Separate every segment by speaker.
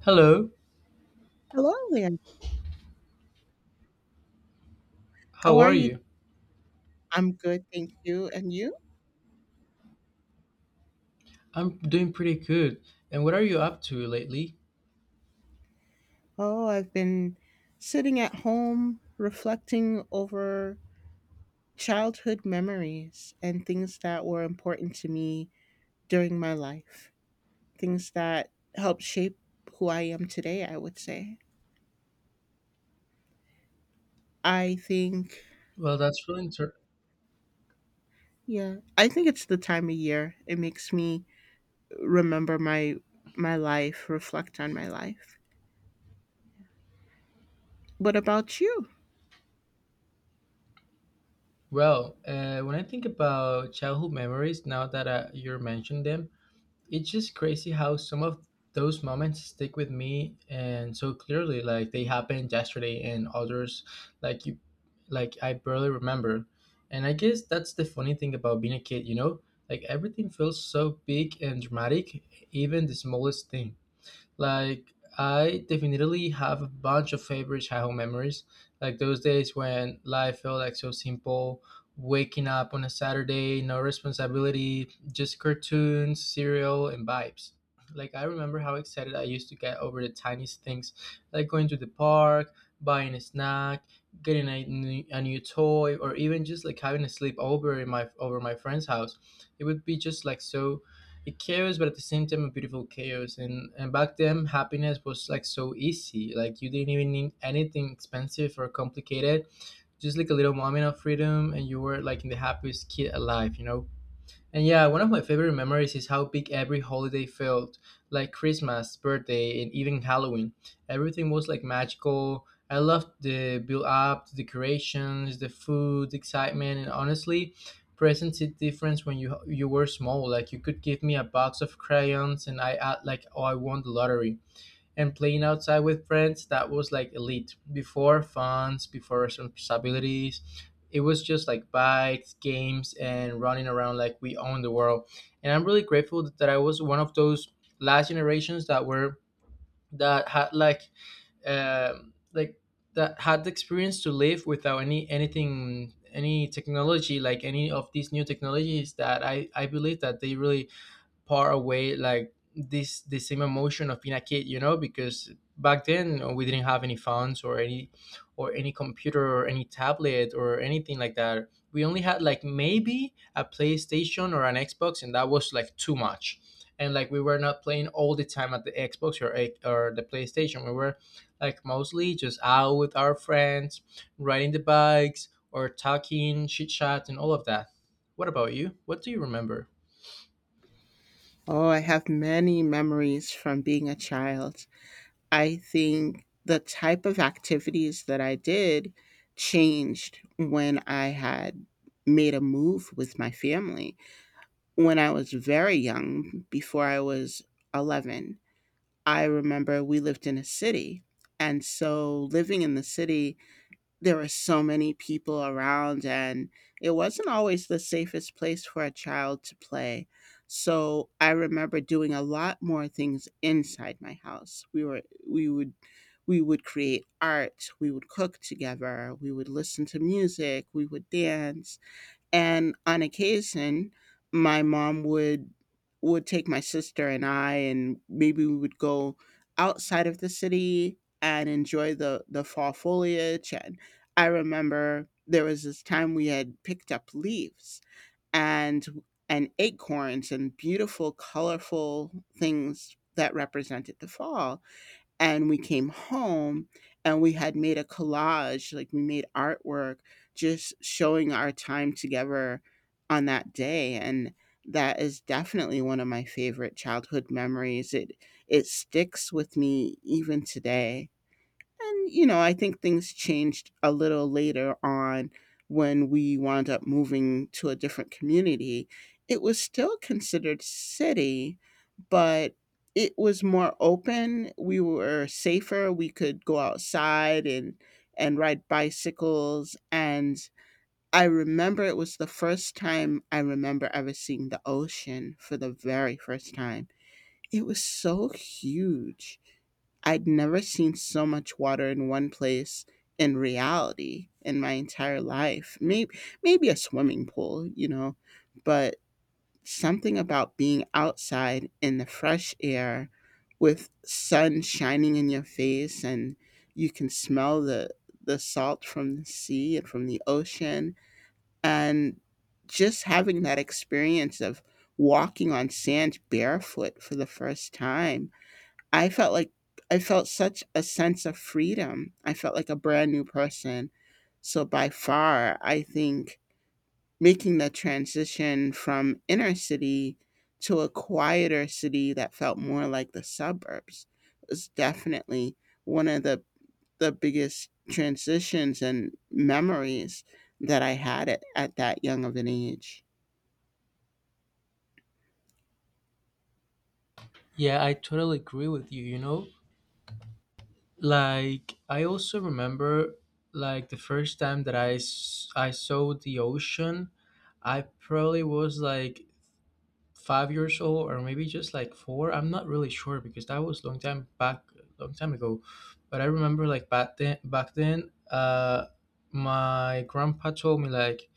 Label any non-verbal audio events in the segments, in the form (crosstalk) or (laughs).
Speaker 1: Hello,
Speaker 2: Hello there.
Speaker 1: how
Speaker 2: How are
Speaker 1: are
Speaker 2: you?
Speaker 1: you?
Speaker 2: I'm good, thank you. And you?
Speaker 1: I'm doing pretty good. And what are you up to lately?
Speaker 2: Oh, I've been sitting at home reflecting over childhood memories and things that were important to me during my life, things that helped shape who I am today, I would say. I think,
Speaker 1: Well, that's really inter-
Speaker 2: yeah, I think it's the time of year. It makes me remember my life, reflect on my life. What about you?
Speaker 1: well. When I think about childhood memories, now that you're mentioning them, it's just crazy how some of those moments stick with me and so clearly, like they happened yesterday, and others, like you, like I barely remember. And I guess that's the funny thing about being a kid? Like everything feels so big and dramatic, even the smallest thing. Like I definitely have a bunch of favorite childhood memories, like those days when life felt like so simple, waking up on a Saturday, no responsibility, just cartoons, cereal, and vibes. Like I remember how excited I used to get over the tiniest things, like going to the park, buying a snack, getting a new toy, or even just like having a sleepover in my friend's house. It would be just like so a chaos, but at the same time a beautiful chaos. And back then happiness was like so easy, like you didn't even need anything expensive or complicated, just like a little moment of freedom and you were like in the happiest kid alive. And yeah, one of my favorite memories is how big every holiday felt, like Christmas, birthday, and even Halloween. Everything was like magical. I loved the build up, the decorations, the food, the excitement, and honestly, presents it difference when you were small. Like you could give me a box of crayons and I act like, oh, I won the lottery. And playing outside with friends, that was like elite, before funds, before responsibilities. It was just like bikes, games, and running around like we own the world. And I'm really grateful that I was one of those last generations that were that had like um like that had the experience to live without anything, any technology, like any of these new technologies that I believe that they really part away like this the same emotion of being a kid, because back then we didn't have any phones or any computer or any tablet or anything like that. We only had like maybe a PlayStation or an Xbox, and that was like too much. And like we were not playing all the time at the Xbox or the PlayStation. We were like mostly just out with our friends, riding the bikes or talking chit chat and all of that. What about you? What do you remember?
Speaker 2: Oh, I have many memories from being a child. I think the type of activities that I did changed when I had made a move with my family. When I was very young, before I was 11, I remember we lived in a city. And so living in the city, there were so many people around and it wasn't always the safest place for a child to play. So I remember doing a lot more things inside my house. We would we would create art, we would cook together, we would listen to music, we would dance, and on occasion my mom would take my sister and I, and maybe we would go outside of the city and enjoy the fall foliage. And I remember there was this time we had picked up leaves and and acorns and beautiful colorful things that represented the fall, and we came home and we had made a collage. Like we made artwork just showing our time together on that day, and that is definitely one of my favorite childhood memories. It sticks with me even today. And, you know, I think things changed a little later on when we wound up moving to a different community. It was still considered city, but it was more open. We were safer. We could go outside and ride bicycles. And I remember it was the first time I remember ever seeing the ocean for the very first time. It was so huge. I'd never seen so much water in one place in reality in my entire life. Maybe a swimming pool, you know, but something about being outside in the fresh air with sun shining in your face, and you can smell the salt from the sea and from the ocean, and just having that experience of walking on sand barefoot for the first time, I felt like I felt such a sense of freedom. I felt like a brand new person. So by far, I think making the transition from inner city to a quieter city that felt more like the suburbs was definitely one of the biggest transitions and memories that I had at that young of an age.
Speaker 1: Yeah, I totally agree with you, you know? Like I also remember like the first time that I saw the ocean, I probably was like 5 years old or maybe just like 4. I'm not really sure because that was long time back, long time ago. But I remember like back then my grandpa told me like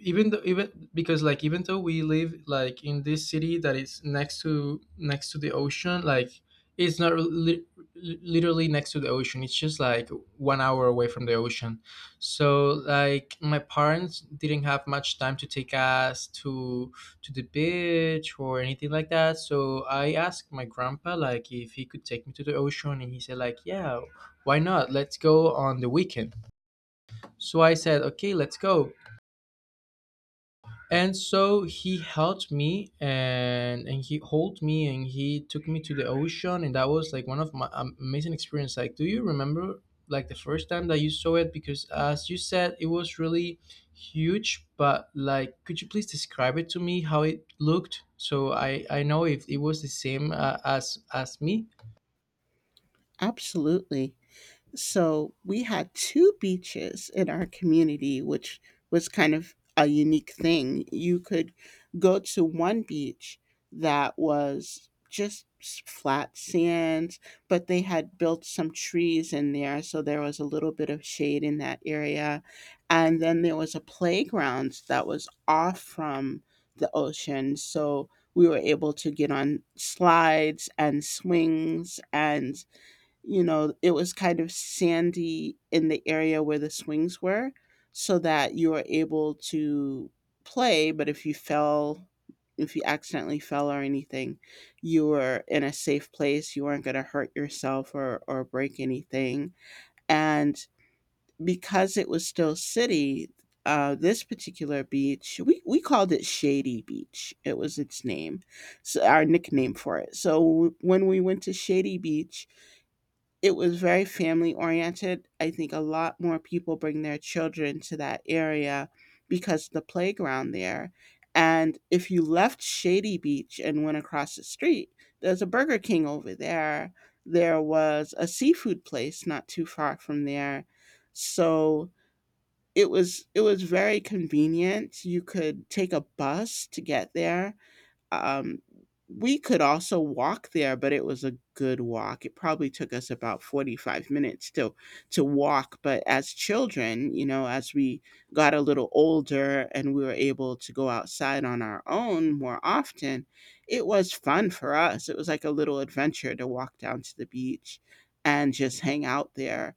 Speaker 1: even though, even because like even though we live like in this city that is next to next to the ocean, like it's not really, literally next to the ocean, it's just like 1 hour away from the ocean. So like my parents didn't have much time to take us to the beach or anything like that, so I asked my grandpa like if he could take me to the ocean, and he said like, yeah, why not, let's go on the weekend. So I said, okay, let's go. And so he helped me and he hold me and he took me to the ocean, and that was like one of my amazing experience. Like do you remember like the first time that you saw it, because as you said it was really huge. But like could you please describe it to me how it looked, so I know if it was the same as me.
Speaker 2: Absolutely. So we had two beaches in our community, which was kind of a unique thing. You could go to one beach that was just flat sands, but they had built some trees in there, so there was a little bit of shade in that area. And then there was a playground that was off from the ocean, so we were able to get on slides and swings. And you know, it was kind of sandy in the area where the swings were so that you were able to play, but if you fell, if you accidentally fell or anything, you were in a safe place. You weren't going to hurt yourself or break anything. And because it was still city, this particular beach, we called it Shady Beach. It was its name, so our nickname for it. So when we went to Shady Beach, it was very family oriented. I think a lot more people bring their children to that area because of the playground there. And if you left Shady Beach and went across the street, there's a Burger King over there. There was a seafood place not too far from there. So it was very convenient. You could take a bus to get there, um, we could also walk there, but it was a good walk. It probably took us about 45 minutes to walk, but as children, you know, as we got a little older and we were able to go outside on our own more often, it was fun for us. It was like a little adventure to walk down to the beach and just hang out there.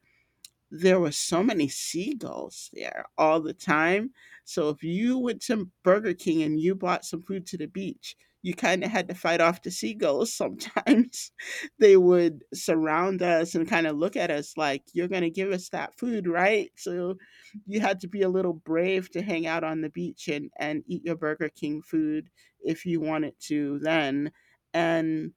Speaker 2: There were so many seagulls there all the time. So if you went to Burger King and you bought some food to the beach, you kind of had to fight off the seagulls sometimes. (laughs) They would surround us and kind of look at us like, "You're going to give us that food, right?" So you had to be a little brave to hang out on the beach and eat your Burger King food if you wanted to then. And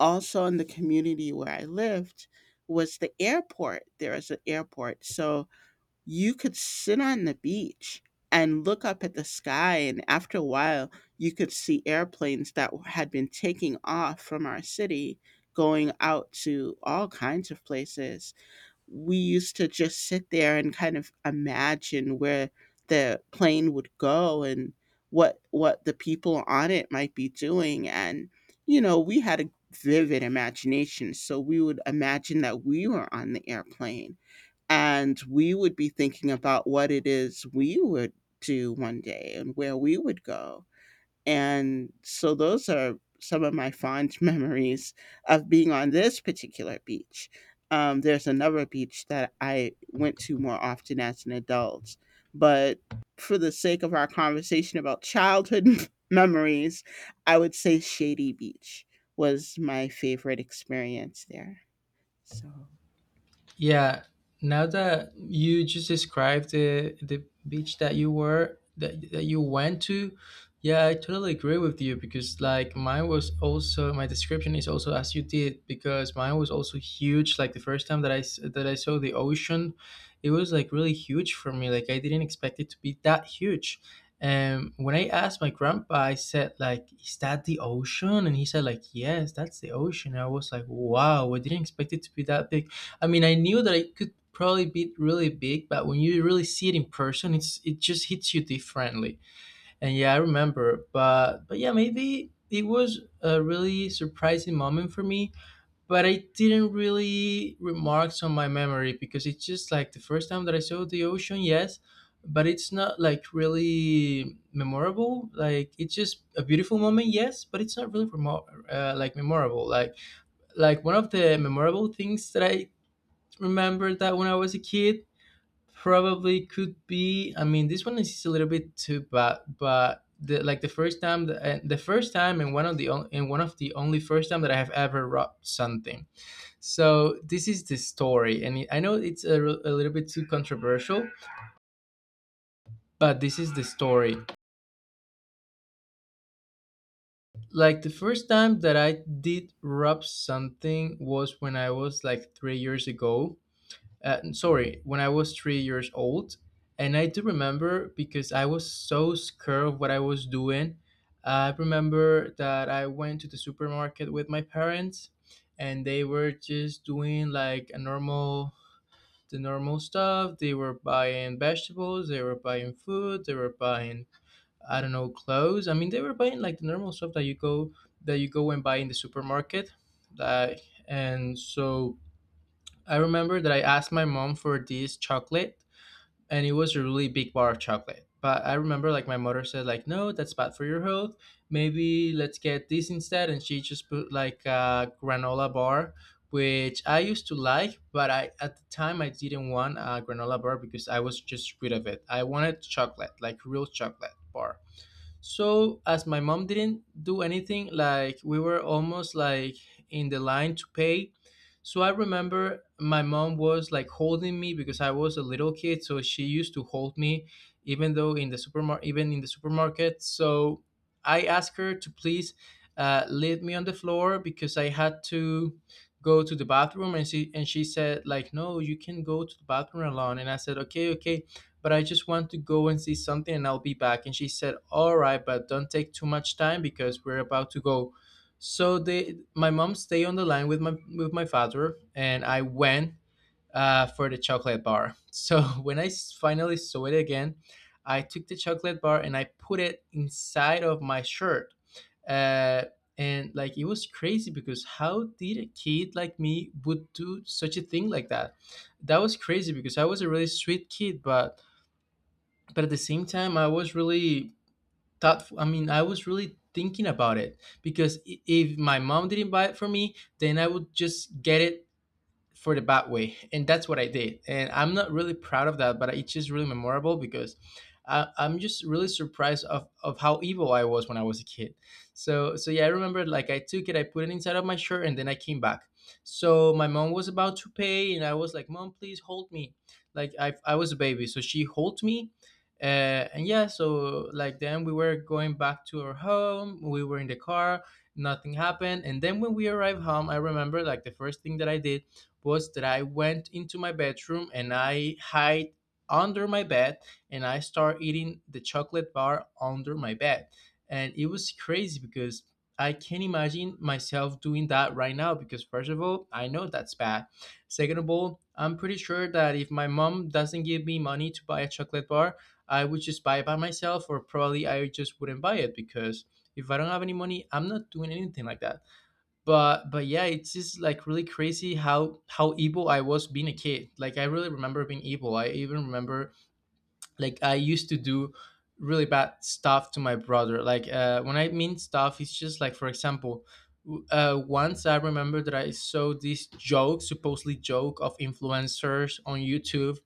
Speaker 2: also in the community where I lived was the airport. There is an airport. So you could sit on the beach and look up at the sky. And after a while, you could see airplanes that had been taking off from our city going out to all kinds of places. We used to just sit there and kind of imagine where the plane would go and what the people on it might be doing. And you know, we had a vivid imagination, so we would imagine that we were on the airplane, and we would be thinking about what it is we would do one day and where we would go. And so those are some of my fond (laughs) memories of being on this particular beach. There's another beach that I went to more often as an adult. But for the sake of our conversation about childhood (laughs) memories, I would say Shady Beach was my favorite experience there. So
Speaker 1: Yeah, now that you just described the beach that you went to, yeah, I totally agree with you because like mine was also my description is also as you did because mine was also huge. Like the first time that I saw the ocean, it was like really huge for me. Like I didn't expect it to be that huge. And when I asked my grandpa, I said like, "Is that the ocean?" And he said like, "Yes, that's the ocean." I was like, "Wow, I didn't expect it to be that big." I mean, I knew that it could probably be really big, but when you really see it in person, it just hits you differently. And yeah, I remember, but yeah, maybe it was a really surprising moment for me, but I didn't really remarks on my memory because it's just like the first time that I saw the ocean, yes, but it's not like really memorable. Like it's just a beautiful moment, yes, but it's not really like memorable. Like one of the memorable things that I remember that when I was a kid probably could be. I mean, this one is a little bit too bad, but the like the first time the first time and one of the on- and one of the only first time that I have ever robbed something. So this is the story, and I know it's a little bit too controversial, but this is the story. Like the first time that I did rob something was when I was like 3 years ago, sorry, when I was 3 years old. And I do remember because I was so scared of what I was doing. I remember that I went to the supermarket with my parents and they were just doing like a normal the normal stuff. They were buying vegetables, they were buying food, they were buying, I don't know, clothes. I mean they were buying like the normal stuff that you go and buy in the supermarket. Like and so I remember that I asked my mom for this chocolate, and it was a really big bar of chocolate. But I remember like my mother said like, no, that's bad for your health, maybe let's get this instead. And she just put like a granola bar, which I used to like, but I at the time I didn't want a granola bar because I was just rid of it. I wanted chocolate, like real chocolate bar. So as my mom didn't do anything, like we were almost like in the line to pay. So I remember my mom was like holding me because I was a little kid, so she used to hold me even though in the supermarket, So I asked her to please leave me on the floor because I had to go to the bathroom. And she said like, no, you can go to the bathroom alone. And I said, okay, okay, but I just want to go and see something, and I'll be back. And she said, all right, but don't take too much time because we're about to go. So my mom stayed on the line with my father, and I went for the chocolate bar. So (laughs) when finally saw it again, I took the chocolate bar and I put it inside of my shirt. Uh, and like it was crazy, because how did a kid like me would do such a thing like that? That was crazy because I was a really sweet kid, but at the same time I was really thoughtful. I mean I was really thinking about it, because if my mom didn't buy it for me, then I would just get it for the bad way. And that's what I did, and I'm not really proud of that, but it's just really memorable because I'm just really surprised of how evil I was when I was a kid. So yeah, I remember like I took it, I put it inside of my shirt, and then I came back. So my mom was about to pay and I was like, mom, please hold me. I was a baby, so she hold me. And yeah, so like then we were going back to our home, we were in the car, nothing happened. And then when we arrived home, I remember like the first thing that I did was that I went into my bedroom and I hide under my bed and I start eating the chocolate bar under my bed. And it was crazy because I can't imagine myself doing that right now, because first of all, I know that's bad. Second of all, I'm pretty sure that if my mom doesn't give me money to buy a chocolate bar, I would just buy it by myself or probably I just wouldn't buy it because if I don't have any money, I'm not doing anything like that but yeah, it's just like really crazy how evil I was being a kid. Like I really remember being evil. I even remember like I used to do really bad stuff to my brother. Like, when I mean stuff, it's just like, for example, once I remember that I saw this joke, supposedly joke, of influencers on YouTube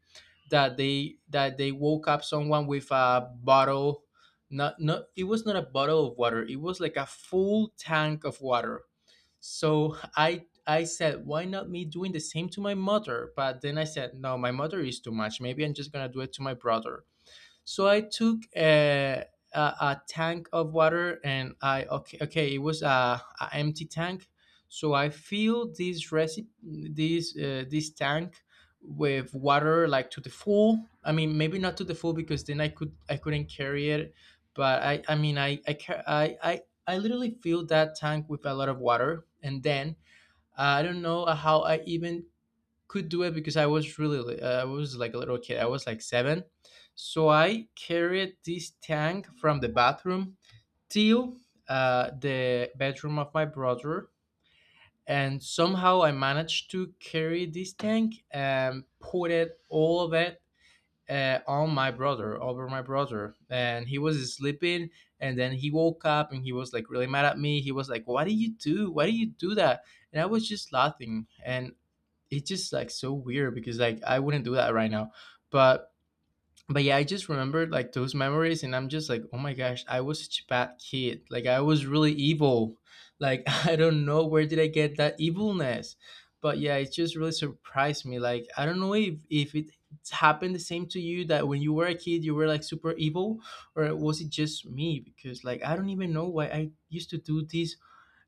Speaker 1: that they woke up someone with a bottle. Not not It was not a bottle of water, it was like a full tank of water. So I said, why not me doing the same to my mother? But then I said, no, my mother is too much. Maybe I'm just gonna do it to my brother. So I took a tank of water, and I, okay, it was a empty tank. So I filled this recipe, this tank with water, like to the full. I mean, maybe not to the full because then I couldn't carry it, but I mean I ca- I literally filled that tank with a lot of water, and then I don't know how I even could do it because I was really I was like a little kid. I was like 7. So I carried this tank from the bathroom till the bedroom of my brother, and somehow I managed to carry this tank and put it all of it on my brother, over my brother, and he was sleeping. And then he woke up, and he was like really mad at me. He was like, "Why did you do? Why did you do that?" And I was just laughing. And it's just like so weird, because like I wouldn't do that right now. But but yeah, I just remembered like those memories and I'm just like, oh my gosh, I was such a bad kid. Like I was really evil. Like (laughs) I don't know where did I get that evilness. But yeah, it just really surprised me. Like I don't know if it happened the same to you, that when you were a kid you were like super evil, or was it just me? Because like I don't even know why I used to do these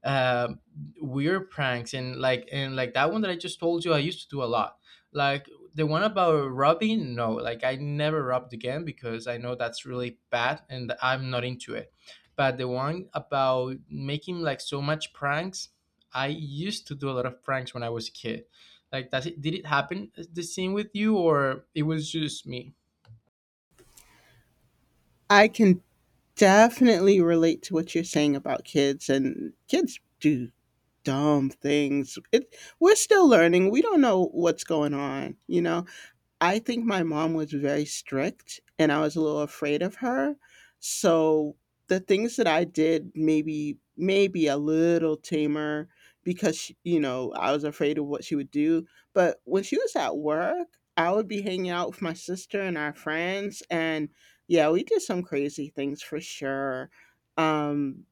Speaker 1: uh, weird pranks, and like, and like that one that I just told you I used to do a lot. Like the one about robbing, no, like I never robbed again because I know that's really bad and I'm not into it. But the one about making like so much pranks, I used to do a lot of pranks when I was a kid. Like does it did it happen the same with you, or it was just me?
Speaker 2: I can definitely relate to what you're saying about kids, and kids do dumb things. It We're still learning. We don't know what's going on, you know. I think my mom was very strict and I was a little afraid of her. So the things that I did maybe a little tamer because she, you know, I was afraid of what she would do. But when she was at work, I would be hanging out with my sister and our friends, and yeah, we did some crazy things for sure. Um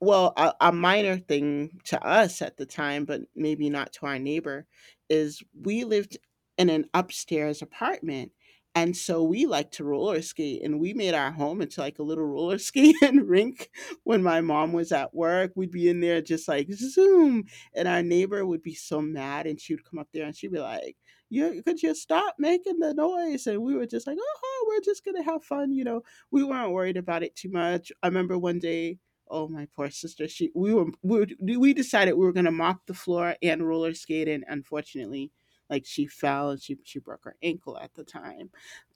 Speaker 2: well, a minor thing to us at the time, but maybe not to our neighbor, is we lived in an upstairs apartment, and so we liked to roller skate, and we made our home into, like, a little roller (laughs) skating rink. When my mom was at work, we'd be in there just like, "Zoom," and our neighbor would be so mad, and she would come up there, and she'd be like, "You could you stop making the noise?" And we were just like, "Oh, we're just gonna have fun," you know? We weren't worried about it too much. I remember one day, oh my poor sister. She we were we decided we were gonna mop the floor and roller skate, and unfortunately, like she fell and she broke her ankle at the time.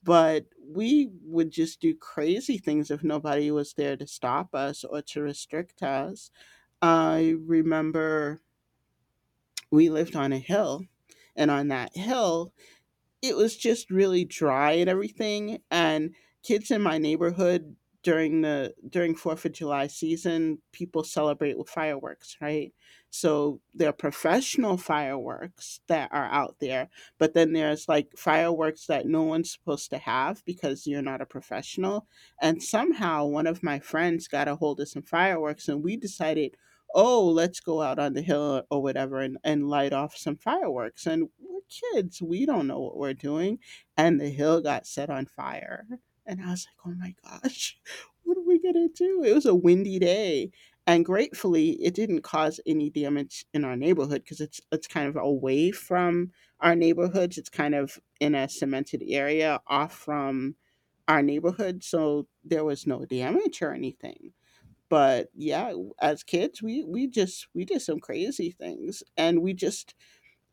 Speaker 2: But we would just do crazy things if nobody was there to stop us or to restrict us. I remember we lived on a hill, and on that hill it was just really dry and everything. And kids in my neighborhood during Fourth of July season, people celebrate with fireworks, right? So there are professional fireworks that are out there, but then there's like fireworks that no one's supposed to have because you're not a professional. And somehow one of my friends got a hold of some fireworks, and we decided, "Oh, let's go out on the hill or whatever, and light off some fireworks." And we're kids, we don't know what we're doing, and the hill got set on fire. And I was like, "Oh my gosh," (laughs) what are we going to do? It was a windy day, and gratefully it didn't cause any damage in our neighborhood because it's kind of away from our neighborhoods. It's kind of in a cemented area off from our neighborhood, so there was no damage or anything. But yeah, as kids we just we did some crazy things, and we just,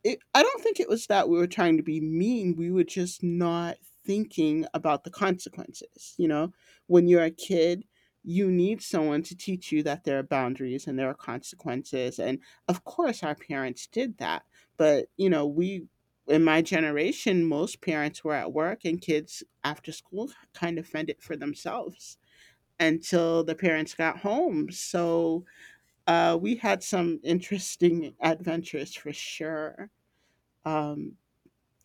Speaker 2: it, I don't think it was that we were trying to be mean. We were just not thinking about the consequences, you know? When you're a kid, you need someone to teach you that there are boundaries and there are consequences. And of course our parents did that, but you know, we in my generation most parents were at work, and kids after school kind of fended for themselves until the parents got home. So we had some interesting adventures for sure. Um,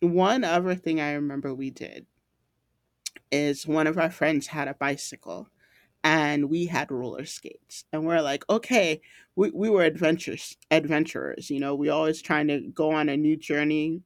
Speaker 2: one other thing I remember we did is one of our friends had a bicycle, and we had roller skates, and we're like, "Okay," we were adventures adventurers, you know, we always trying to go on a new journey,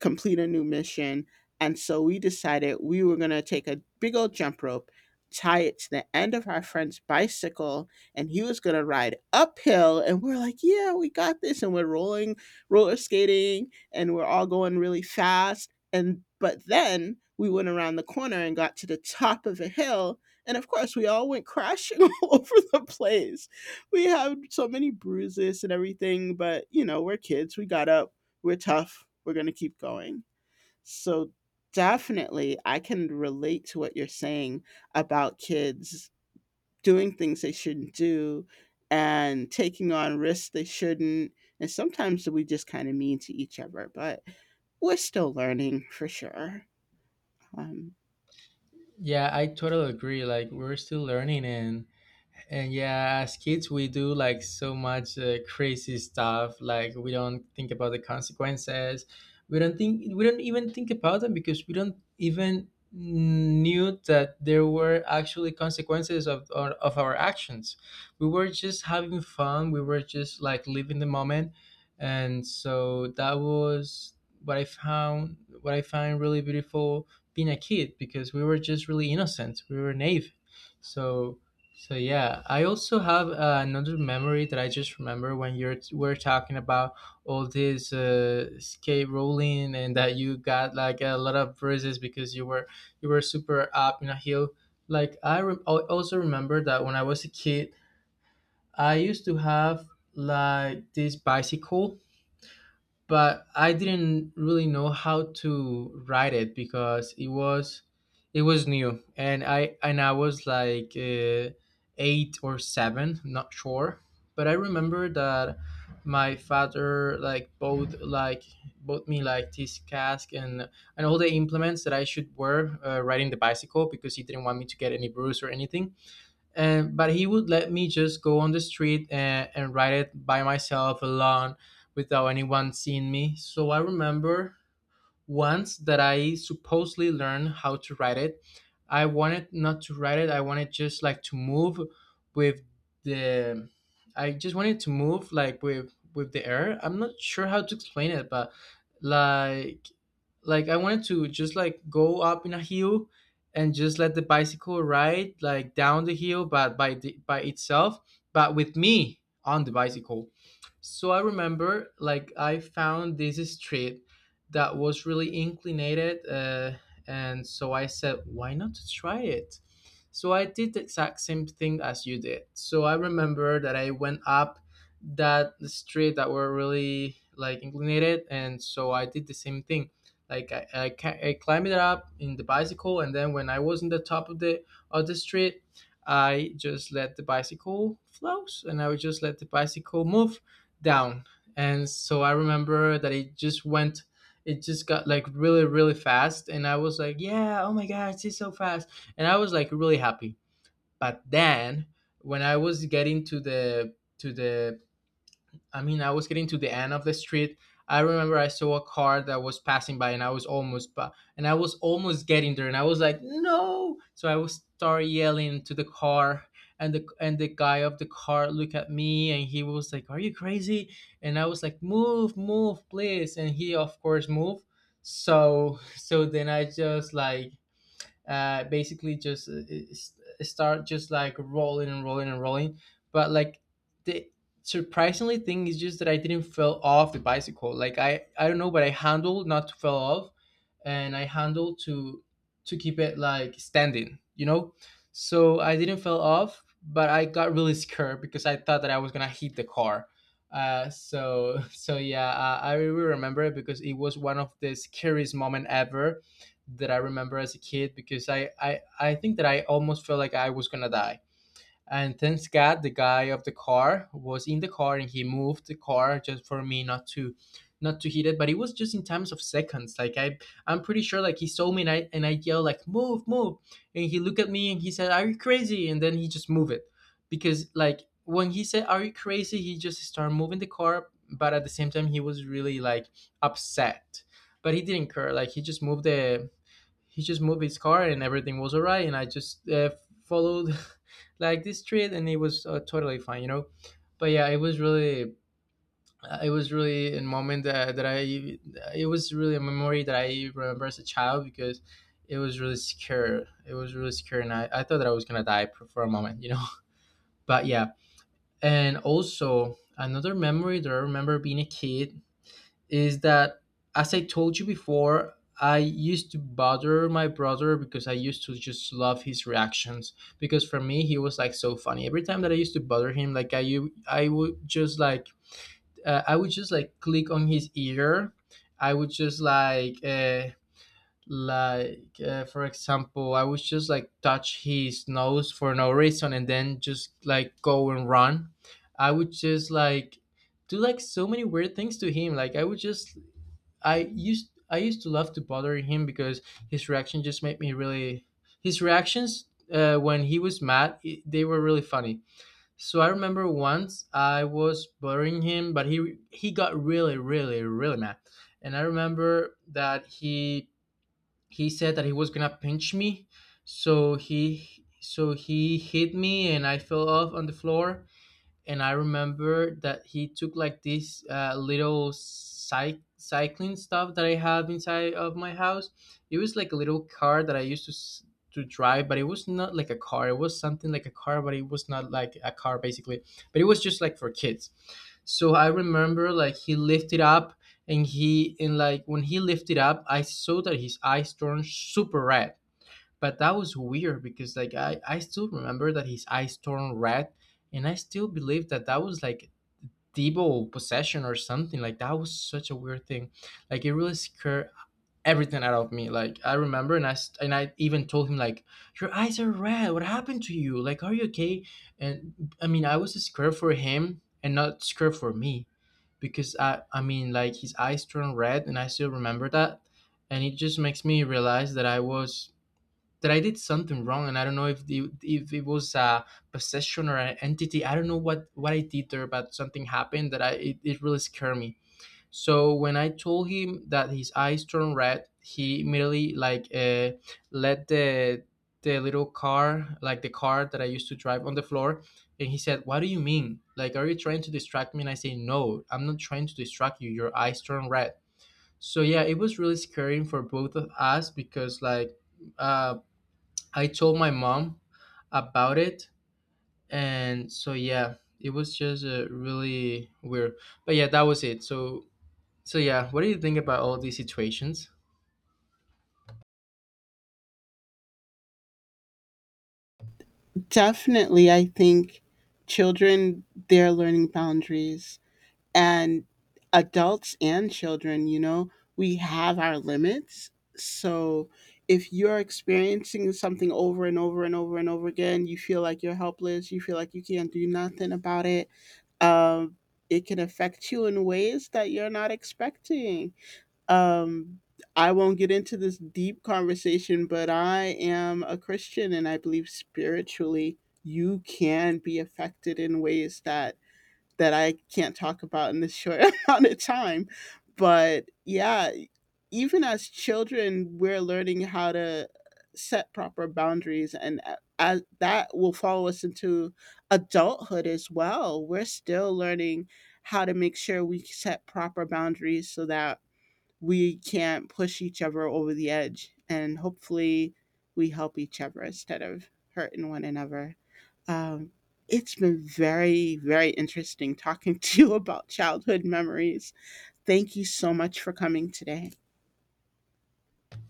Speaker 2: complete a new mission. And so we decided we were going to take a big old jump rope, tie it to the end of our friend's bicycle, and he was going to ride uphill. And we're like, "Yeah, we got this." And we're rolling, roller skating, and we're all going really fast. And but then we went around the corner and got to the top of a hill, and of course we all went (laughs) crashing all over the place. We had so many bruises and everything, but you know, we're kids, we got up, we're tough, we're going to keep going. So definitely I can relate to what you're saying about kids doing things they shouldn't do and taking on risks they shouldn't. And sometimes we just kind of mean to each other, but we're still learning for sure. Um,
Speaker 1: Yeah, I totally agree. Like we're still learning. And yeah, as kids, we do like so much crazy stuff. Like we don't think about the consequences. We don't even think about them because we don't even knew that there were actually consequences of of our actions. We were just having fun. We were just like living the moment. And so that was what I found. What I find really beautiful being a kid, because we were just really innocent. We were naive. So so yeah, I also have another memory that I just remember when you are we're talking about all this skate rolling, and that you got like a lot of bruises because you were super up in a hill. Like I also remember that when I was a kid, I used to have like this bicycle, but I didn't really know how to write it because it was new, and I was like 8 or 7, not sure. But I remember that my father like bought me like this cask and all the implements that I should wear riding the bicycle, because he didn't want me to get any bruise or anything. And but he would let me just go on the street and write it by myself alone without anyone seeing me. So I remember once that I supposedly learned how to write it. I wanted not to write it. I wanted just like to move with the. I just wanted to move like with the air. I'm not sure how to explain it, but like like I wanted to just like go up in a hill and just let the bicycle ride like down the hill, but by by itself, but with me on the bicycle. So I remember like I found this street that was really inclinated. And so I said, why not to try it? So I did the exact same thing as you did. So I remember that I went up that street that were really like inclinated. And so I did the same thing. Like I climbed it up in the bicycle. And then when I was in the top of of the street, I just let the bicycle flows, and I would just let the bicycle move down. And so I remember that it just got like really really fast, and I was like, yeah, oh my god, it's so fast. And I was like really happy. But then when I was getting to the, I mean, I was getting to the end of the street. I remember I saw a car that was passing by, and I was almost, but and I was almost getting there, and I was like, "No!" So I was start yelling to the car, and the guy of the car looked at me, and he was like, "Are you crazy?" And I was like, "Move, move, please!" And he, of course, moved. So then I just like basically just s- start just like rolling and rolling and rolling. But like the surprisingly thing is just that I didn't fell off the bicycle. Like I don't know, but I handled not to fell off, and I handled to keep it like standing. You know, so I didn't fell off, but I got really scared because I thought that I was gonna hit the car. So (laughs) so yeah, I really remember it because it was one of the scariest moment ever that I remember as a kid, because I think that I almost felt like I was gonna die. And thanks God, the guy of the car was in the car, and he moved the car just for me not to hit it. But it was just in times of seconds. Like I I'm pretty sure like he saw me, and I yelled like, move, move, and he looked at me and he said, are you crazy, and then he just moved it. Because like when he said, are you crazy, he just started moving the car. But at the same time he was really like upset, but he didn't care. Like he just moved his car, and everything was alright. And I just followed (laughs) like this street, and it was totally fine, you know. But yeah, it was really a moment that I, it was really a memory that I remember as a child, because it was really secure, it was really secure, and I thought that I was gonna die for a moment, you know. (laughs) But yeah, and also another memory that I remember being a kid is that, as I told you before, I used to bother my brother because I used to just love his reactions. Because for me, he was like so funny. Every time that I used to bother him, like I would just like, I would just like click on his ear. I would just like, like, for example, I would just like touch his nose for no reason, and then just like go and run. I would just like do like so many weird things to him. Like I would just I used to love to bother him because his reaction just made me really. His reactions, when he was mad, I they were really funny. So I remember once I was bothering him, but he got really mad. And I remember that he said that he was gonna pinch me. So he so he hit me, and I fell off on the floor. And I remember that he took like this little cycling stuff that I have inside of my house. It was like a little car that I used to to drive, but it was not like a car. It was something like a car, but it was not like a car, basically. But it was just like for kids. So I remember like he lifted up, and he and like when he lifted up, I saw that his eyes turned super red. But that was weird, because like I still remember that his eyes turned red, and I still believe that that was like devil possession or something. Like that was such a weird thing. Like it really scared everything out of me. Like I remember, and I even told him like, your eyes are red, what happened to you, like are you okay? And I mean, I was scared for him and not scared for me. Because like his eyes turned red, and I still remember that. And it just makes me realize that I was that I did something wrong. And I don't know if if it was a possession or an entity. I don't know what I did there, but something happened that I it, it really scared me. So when I told him that his eyes turned red, he immediately like let the little car, like the car that I used to drive, on the floor, and he said, "What do you mean? Like, are you trying to distract me?" And I say, "No, I'm not trying to distract you. Your eyes turn red." So yeah, it was really scary for both of us. Because like uh I told my mom about it, and so yeah, it was just really weird. But yeah, that was it. So so yeah, what do you think about all these situations?
Speaker 2: definitely, I think children, they're learning boundaries, and adults and children, you know, we have our limits. So if you're experiencing something over and over and over and over again, you feel like you're helpless, you feel like you can't do nothing about it, um, it can affect you in ways that you're not expecting. Um, I won't get into this deep conversation, but I am a Christian and I believe spiritually you can be affected in ways that that I can't talk about in this short (laughs) amount of time. But yeah, even as children, we're learning how to set proper boundaries, and as that will follow us into adulthood as well. We're still learning how to make sure we set proper boundaries so that we can't push each other over the edge, and hopefully we help each other instead of hurting one another. um, it's been very very interesting talking (laughs) to you about childhood memories. Thank you so much for coming today.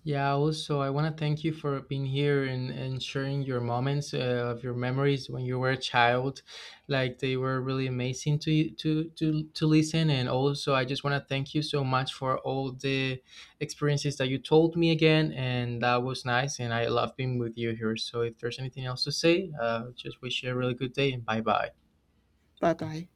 Speaker 1: Yeah, also, I want to thank you for being here and sharing your moments of your memories when you were a child. Like they were really amazing to listen. And also, I just want to thank you so much for all the experiences that you told me again, and that was nice. And I love being with you here. So, if there's anything else to say, just wish you a really good day and bye bye.
Speaker 2: Bye bye.